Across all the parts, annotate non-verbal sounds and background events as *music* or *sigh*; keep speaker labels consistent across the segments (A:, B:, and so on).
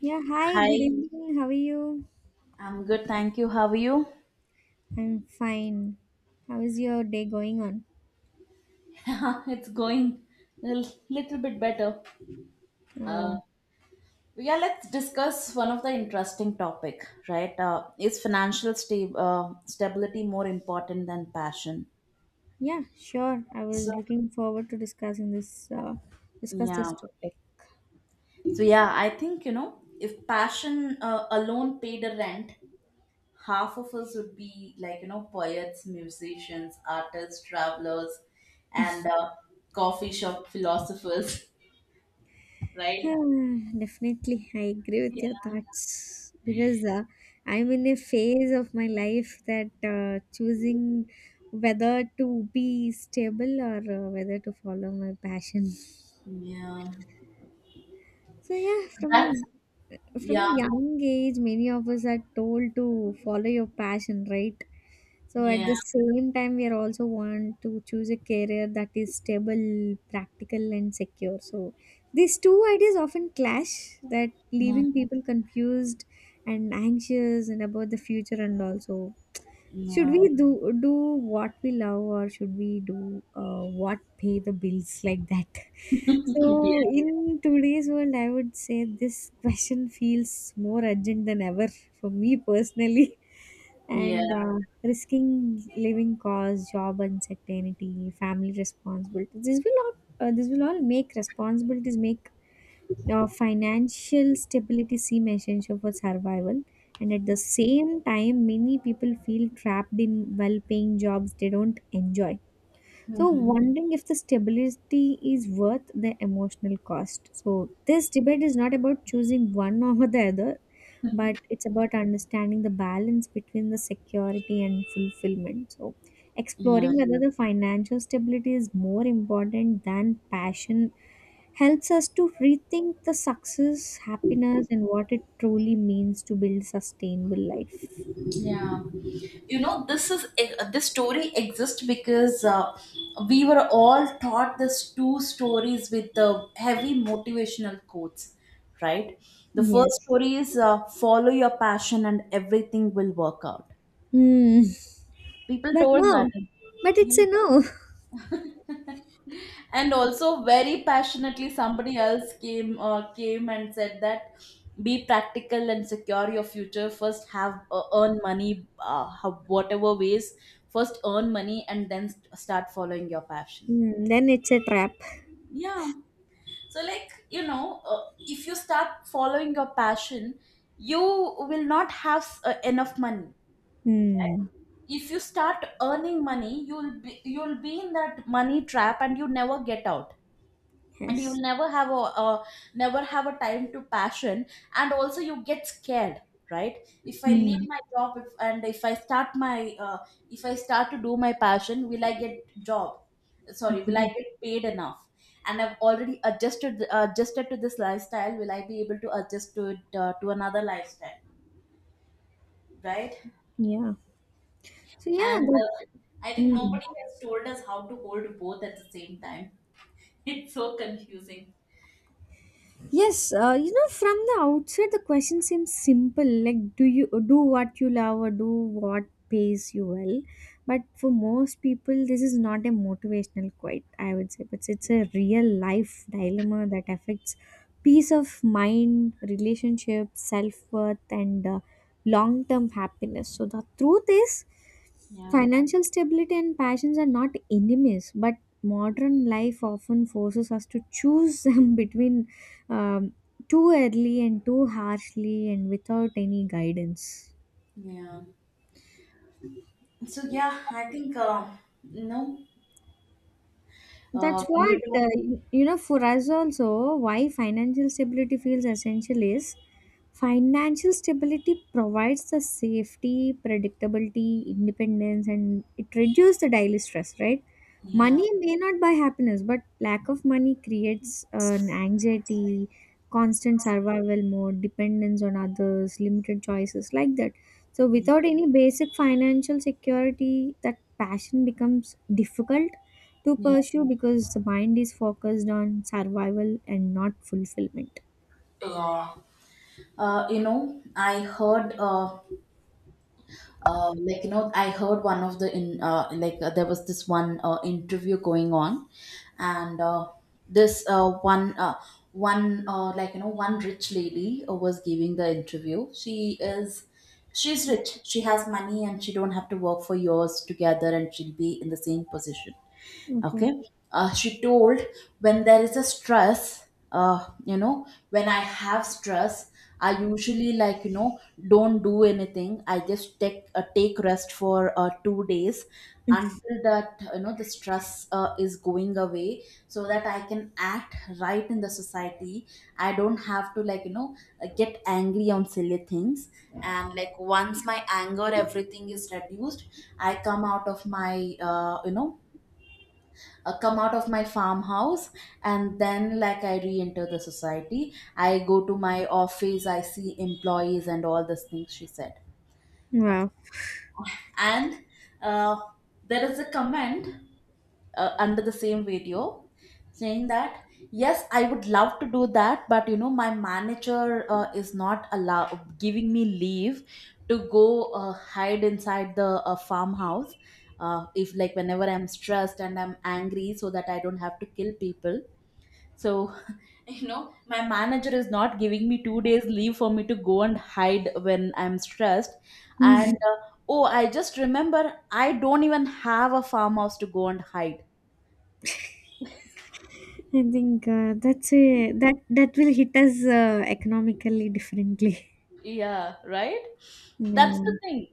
A: Yeah, hi, good
B: Hi,
A: evening. How are you?
B: I'm good, thank you. How are you?
A: I'm fine. How is your day going on?
B: *laughs* It's going a little bit better. Uh,
A: Oh,
B: yeah, let's discuss one of the interesting topic, right? Is financial stability more important than passion?
A: yeah, sure. I
B: So
A: was looking forward to discuss this
B: yeah,
A: topic.
B: so yeah, I think if passion alone paid a rent, half of us would be like poets, musicians, artists, travelers, and coffee shop philosophers, *laughs*
A: *sighs*
B: right?
A: Ah, definitely, I agree with your thoughts because I'm in a phase of my life that choosing whether to be stable or whether to follow my passion.
B: Yeah.
A: So yeah,
B: So
A: from
B: that's
A: a from
B: yeah.
A: a young age, many of us are told to follow your passion, right? So at
B: Yeah.
A: the same time, we are also want to choose a career that is stable, practical, and secure. So these two ideas often clash, that
B: Mm,
A: leaving people confused and anxious and about the future, and also should we
B: yeah.
A: do what we love, or should we do what pay the bills, like that? *laughs* So
B: Yeah.
A: in today's world, I would say this question feels more urgent than ever for me personally. *laughs*
B: Yeah.
A: And risking living costs, job uncertainty, family responsibilities. This will all make responsibilities make financial stability seem essential for survival, and at the same time many people feel trapped in well-paying jobs they don't enjoy, so wondering if the stability is worth the emotional cost. So this debate is not about choosing one *laughs* over the other, but it's about understanding the balance between the security and fulfillment. So,
B: Yeah.
A: exploring whether the financial stability is more important than passion helps us to rethink the success, happiness, and what it truly means to build sustainable life.
B: Yeah. You know, this is this story exists because we were all taught these two stories with the heavy motivational quotes, right? The first
A: Yes.
B: story is, follow your passion and everything will work out.
A: Hmm.
B: People
A: But
B: told that.
A: no. But it's a no.
B: And also very passionately somebody else came came and said that be practical and secure your future first, have earn money, whatever ways, first earn money and then start following your passion.
A: Hmm. Then it's a trap.
B: Yeah, so if you start following your passion, you will not have enough money, right?
A: Hmm.
B: If you start earning money, you'll be in that money trap and you never get out, and you'll
A: Yes.
B: never have a time to passion. And also you get scared, right? If I leave
A: Hmm.
B: my job, if, and if I start my uh, if I start to do my passion, will I get job, sorry, will I get paid enough? And I've already adjusted to this lifestyle, will I be able to adjust to it, to another lifestyle, right?
A: Yeah. So yeah,
B: And
A: that's.
B: I think
A: Mm.
B: nobody has told us how to hold both at the same time. *laughs* It's so confusing.
A: Yes, you know, from the outset, the question seems simple, like do you do what you love or do what pays you well. But for most people, this is not a motivational quote, I would say, but it's a real life dilemma that affects peace of mind, relationship, self worth, and long term happiness. So the truth is.
B: Yeah.
A: Financial stability and passions are not enemies, but modern life often forces us to choose *laughs* them between um, too early and too harshly and without any guidance.
B: Yeah. So yeah, I think you know
A: That's
B: when you
A: what,
B: talk,
A: uh, you know, for us also, why financial stability feels essential is financial stability provides the safety, predictability, independence, and it reduces the daily stress, right?
B: yeah,
A: Money may not buy happiness, but lack of money creates an anxiety, constant survival mode, dependence on others, limited choices, like that. So,
B: yeah.
A: without any basic financial security, that passion becomes difficult to pursue because the mind is focused on survival and not fulfillment.
B: Yeah. You know, I heard like I heard one of the in like there was this one interview going on, and this one one like one rich lady was giving the interview. She's rich. She has money, and she don't have to work for years together, and she'll be in the same position.
A: Okay.
B: Okay. She told, when there is a stress, you know, when I have stress, I usually, don't do anything, I just take take rest for 2 days until that, you know, the stress is going away so that I can act right in the society. I don't have to, get angry on silly things, and like once my anger everything is reduced, I come out of my come out of my farmhouse, and then like I re-enter the society, I go to my office, I see employees and all these things she said. Okay.
A: Wow.
B: And uh, there is a comment under the same video saying that, yes, I would love to do that, but you know, my manager is not allow giving me leave to go hide inside the farmhouse if, like whenever I'm stressed and I'm angry, so that I don't have to kill people. So, *laughs* you know, my manager is not giving me 2 days leave for me to go and hide when I'm stressed. And
A: Mm. *laughs*
B: oh, I just remember I don't even have a farmhouse to go and hide.
A: I think that's a that will hit us economically differently. *laughs*
B: Yeah, right? That's the
A: Yeah.
B: thing.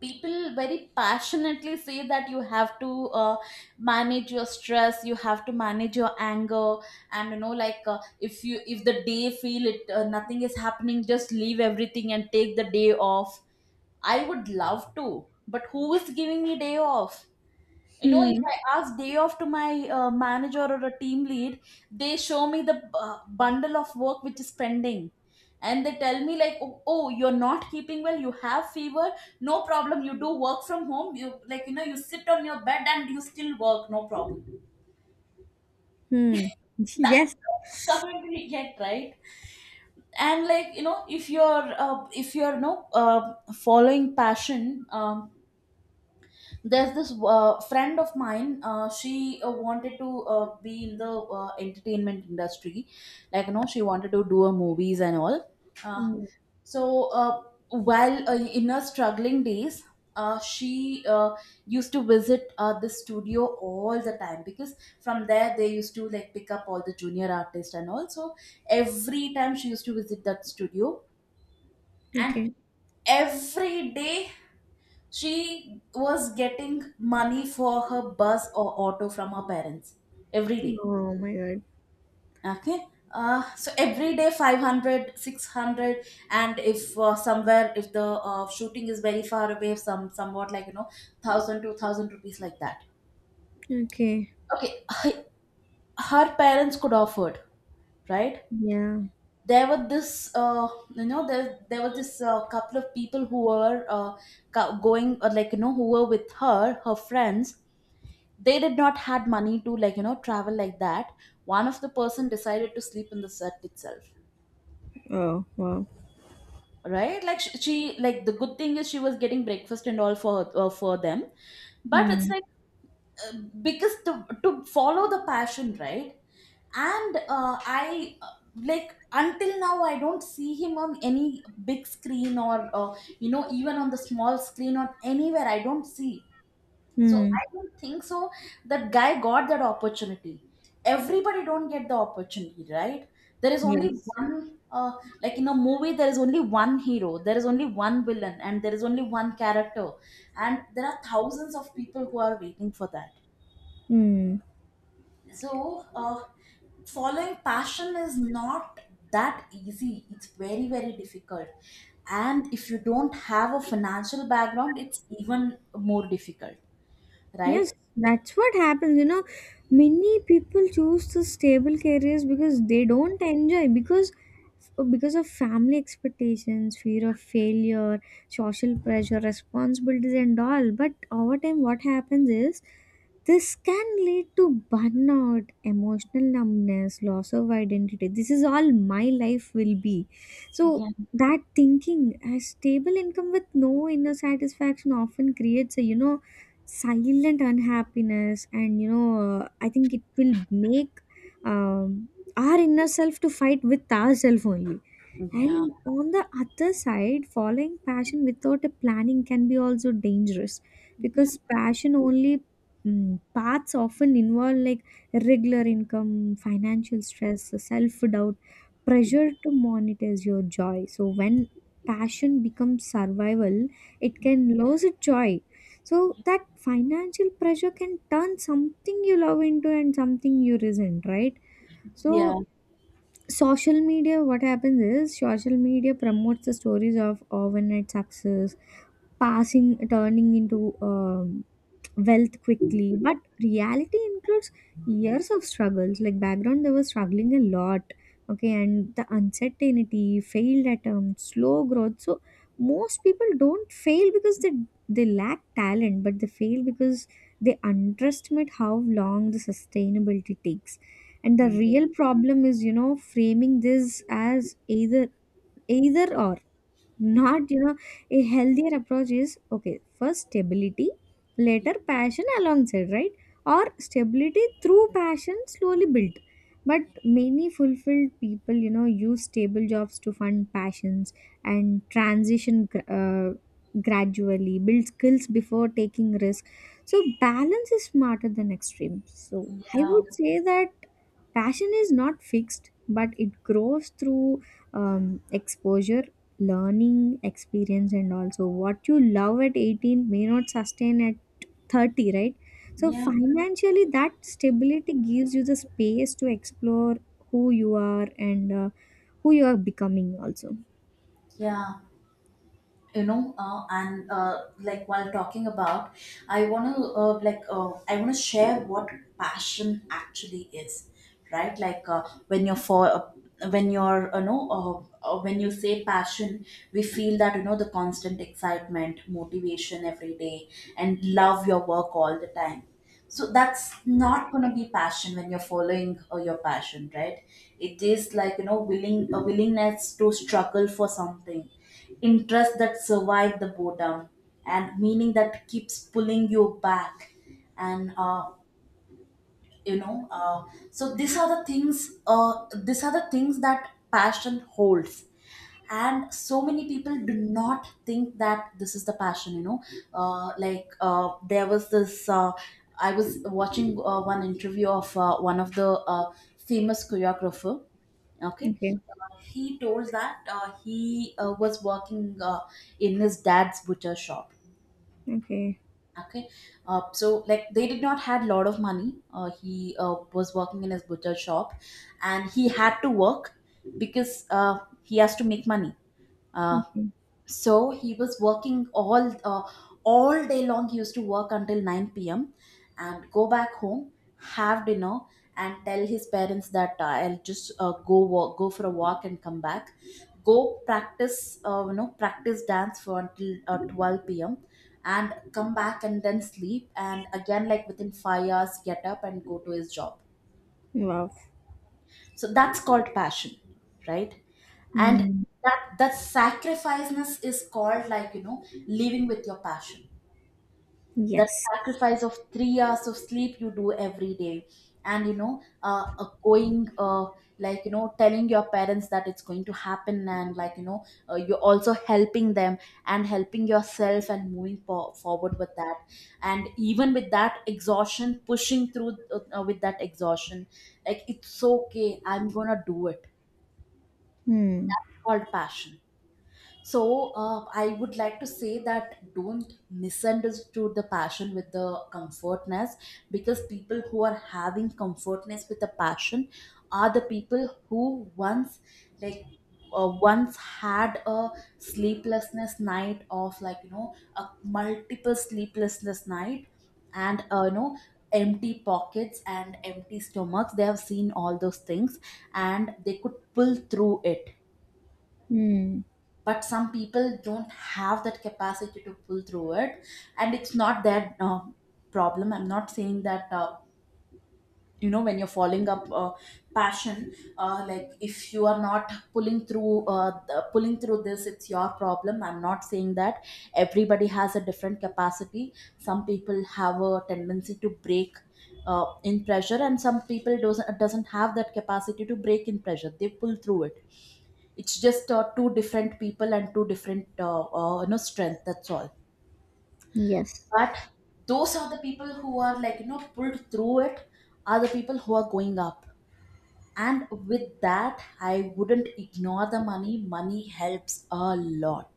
B: People very passionately say that you have to manage your stress, you have to manage your anger, and you know, like if you, if the day feel it, nothing is happening, just leave everything and take the day off. I would love to, but who is giving me day off? You know, if
A: Hmm.
B: I ask day off to my manager or a team lead, they show me the bundle of work which is pending. And they tell me like, oh, oh, you're not keeping well. You have fever. No problem. You do work from home. You, like, you know, you sit on your bed and you still work. No problem.
A: Hmm.
B: That's
A: Yes.
B: the comment *laughs* we get, right? And if you're, no, following passion, there's this friend of mine, she wanted to be in the entertainment industry, like you know, she wanted to do her movies and all. uh,
A: Hmm.
B: so uh, while in her struggling days, she used to visit the studio all the time because from there they used to like pick up all the junior artists, and also every time she used to visit that studio, and
A: Okay.
B: every day she was getting money for her bus or auto from her parents every day.
A: Oh my God.
B: Okay. So every day, 500, 600, and if somewhere if the shooting is very far away, some somewhat like you know 1,000, 2,000 rupees like that.
A: Okay.
B: Okay. Her, her parents could afford, right?
A: Yeah.
B: There were this, there were this couple of people who were going, or like you know, who were with her friends, they did not had money to, travel like that. One of the person decided to sleep in the set itself,
A: Oh wow.
B: right? Like she like, the good thing is she was getting breakfast and all for them, but it's
A: Hmm.
B: like because to follow the passion, right? And I like until now I don't see him on any big screen or even on the small screen or anywhere I don't see. So
A: Hmm.
B: I don't think so that guy got that opportunity. Everybody don't get the opportunity, right? There is only
A: Yes.
B: one, like in a movie there is only one hero, there is only one villain, and there is only one character, and there are thousands of people who are waiting for that.
A: Hmm.
B: So following passion is not that easy. It's very very difficult. And if you don't have a financial background, it's even more difficult, right?
A: Yes, that's what happens. You know, many people choose the stable careers because they don't enjoy, because of family expectations, fear of failure, social pressure, responsibilities, and all. But over time, what happens is this can lead to burnout, emotional numbness, loss of identity. This is all my life will be. So
B: Yeah.
A: that thinking, a stable income with no inner satisfaction often creates a, you know, silent unhappiness, and you know, I think it will make um, our inner self to fight with ourself only.
B: Yeah.
A: And on the other side, following passion without a planning can be also dangerous,
B: Yeah,
A: because passion only, mm, paths often involve like irregular income, financial stress, self doubt, pressure to monetize your joy. So when passion becomes survival, it can lose its joy. So that financial pressure can turn something you love into and something you resent, right?
B: yeah,
A: So social media, what happens is social media promotes the stories of overnight success, passing turning into, wealth quickly, but reality includes years of struggles, like background they were struggling a lot, okay, and the uncertainty, failed attempt, slow growth. So most people don't fail because they lack talent, but they fail because they underestimate how long the sustainability takes. And the real problem is, you know, framing this as either either or, not, you know, a healthier approach is, okay, first stability, later passion alongside, right, or stability through passion slowly built. But many fulfilled people, you know, use stable jobs to fund passions, and transition gradually, build skills before taking risk. So balance is smarter than extreme. So I
B: yeah,
A: would say that passion is not fixed, but it grows through exposure, learning, experience. And also what you love at 18 may not sustain at 30, right? So
B: yeah,
A: financially, that stability gives you the space to explore who you are, and who you are becoming also.
B: yeah. You know, and like while talking about, I want to I want to share what passion actually is, right? Like when you're when you say passion, we feel that, you know, the constant excitement, motivation every day, and love your work all the time. So that's not going to be passion when you're following your passion, right? It is, like you know, willing a willingness to struggle for something, interest that survive the boredom, and meaning that keeps pulling you back. And you know uh, so these are the things that passion holds, and so many people do not think that this is the passion, you know. There was this I was watching one interview of one of the famous choreographer. Okay.
A: Okay.
B: He told that he was working in his dad's butcher shop.
A: Okay.
B: Okay. So like they did not had lot of money. He was working in his butcher shop, and he had to work because he has to make money. uh,
A: Okay.
B: so he was working all day long. He used to work until 9 p.m. and go back home, have dinner, and tell his parents that, I'll just go walk, go for a walk and come back, go practice, practice dance for until 12 p.m. and come back and then sleep, and again like within 5 hours get up and go to his job.
A: Wow.
B: So that's called passion, right? And
A: Mm.
B: that sacrificeness is called, like you know, living with your passion. That
A: Yes.
B: sacrifice of 3 hours of sleep you do every day, and you know going like you know, telling your parents that it's going to happen, and like you know, you're also helping them and helping yourself and moving forward with that, and even with that exhaustion pushing through, with that exhaustion, like it's okay, I'm gonna do it.
A: Mm.
B: It's called passion. So I would like to say that don't misunderstood the passion with the comfortness, because people who are having comfortness with the passion are the people who once, like once had a sleeplessness night of, like you know, a multiple sleeplessness night, and empty pockets and empty stomachs, they have seen all those things and they could pull through it.
A: Mm.
B: But some people don't have that capacity to pull through it. And it's not their problem. I'm not saying that, when you're following up passion, like if you are not pulling through pulling through this it's your problem. I'm not saying that. Everybody has a different capacity. Some people have a tendency to break in pressure, and some people doesn't have that capacity to break in pressure. They pull through it. It's just two different people and two different you know, strength. That's all.
A: Yes.
B: But those are the people who are, like, you know, pulled through it. Are the people who are going up. And with that, I wouldn't ignore the money. Money helps a lot,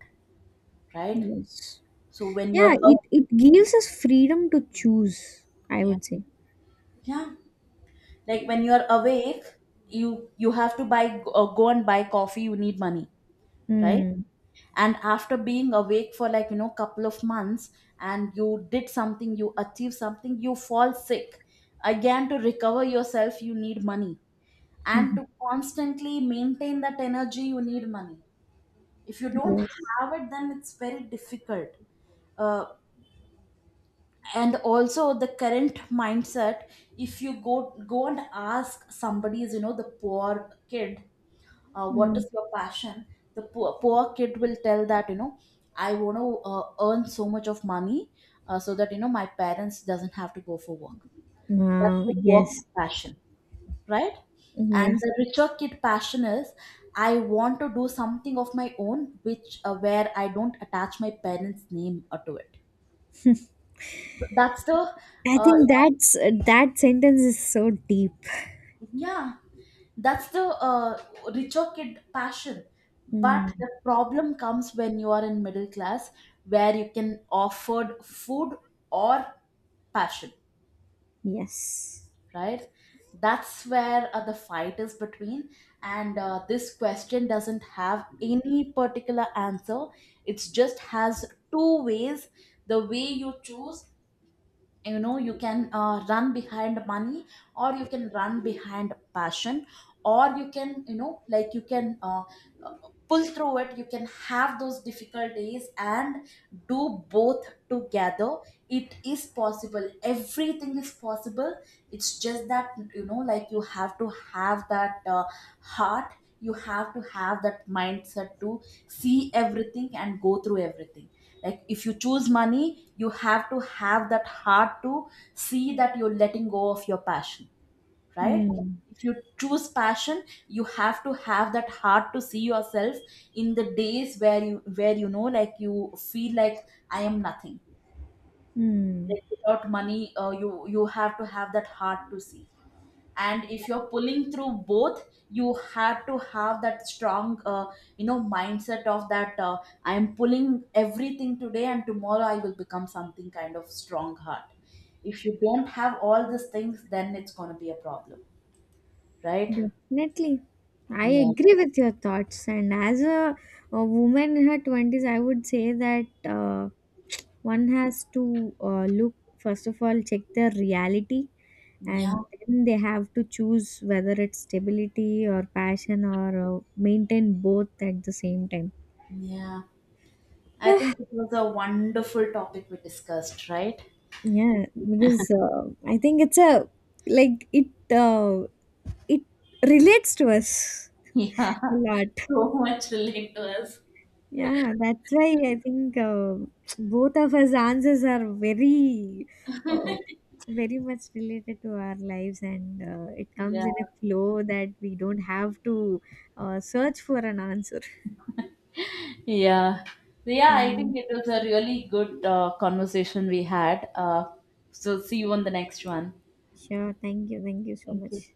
B: right?
A: Yes.
B: So when
A: Yeah,
B: you're
A: it,
B: up,
A: it gives us freedom to choose, I
B: yeah,
A: would say.
B: yeah, like when you're awake, you have to buy go and buy coffee. You need money, right?
A: Mm.
B: And after being awake for, like, you know, couple of months, and you did something, you achieve something, you fall sick. Again, to recover yourself you need money, and to
A: *laughs*
B: constantly maintain that energy you need money. If you don't
A: Yes.
B: have it, then it's very difficult. uh, and also the current mindset, if you go and ask somebody's, you know, the poor kid, what
A: Hmm.
B: is your passion. The poor kid will tell that, you know, I want to earn so much of money, so that, you know, my parents doesn't have to go for work. That's the poor kid
A: Yes.
B: passion, right? And
A: Yes.
B: the richer kid passion is, I want to do something of my own which where I don't attach my parents name to it. So that's the
A: I
B: uh,
A: think that's that sentence is so deep.
B: yeah, that's the richer kid passion. But
A: Mm,
B: the problem comes when you are in middle class, where you can afford food or passion,
A: yes.
B: right? That's where the fight is between, and this question doesn't have any particular answer. It just has two ways, the way you choose. You know, you can run behind money, or you can run behind passion, or you can, you know, like, you can pull through it. You can have those difficult days and do both together. It is possible, everything is possible. It's just that, you know, like, you have to have that heart. You have to have that mindset to see everything and go through everything. Like if you choose money, you have to have that heart to see that you're letting go of your passion, right?
A: Mm.
B: If you choose passion, you have to have that heart to see yourself in the days where you, where, you know, like, you feel like I am nothing.
A: Mm.
B: Like without money, you have to have that heart to see. And if you're pulling through both, you have to have that strong you know, mindset of that I am pulling everything today and tomorrow I will become something, kind of strong heart. If you don't have all these things, then it's going to be a problem, right?
A: Definitely. I
B: Yeah.
A: agree with your thoughts. And as a woman in her 20s, I would say that one has to look, first of all, check their reality. And
B: Yeah,
A: then they have to choose whether it's stability or passion or maintain both at the same time.
B: yeah. I
A: Yeah.
B: think it was a wonderful topic we discussed, right? *laughs*
A: Yeah, because I think it's a, like uh, it relates to us
B: Yeah.
A: a lot.
B: So much relate to us.
A: Yeah, that's why I think both of us answers are very, uh, very much related to our lives, and it comes
B: Yeah.
A: in a flow that we don't have to search for an answer.
B: Yeah. So, yeah, I think
A: Um,
B: it was a really good conversation we had. So see you on the next one.
A: sure, thank you so
B: Thank you.
A: much.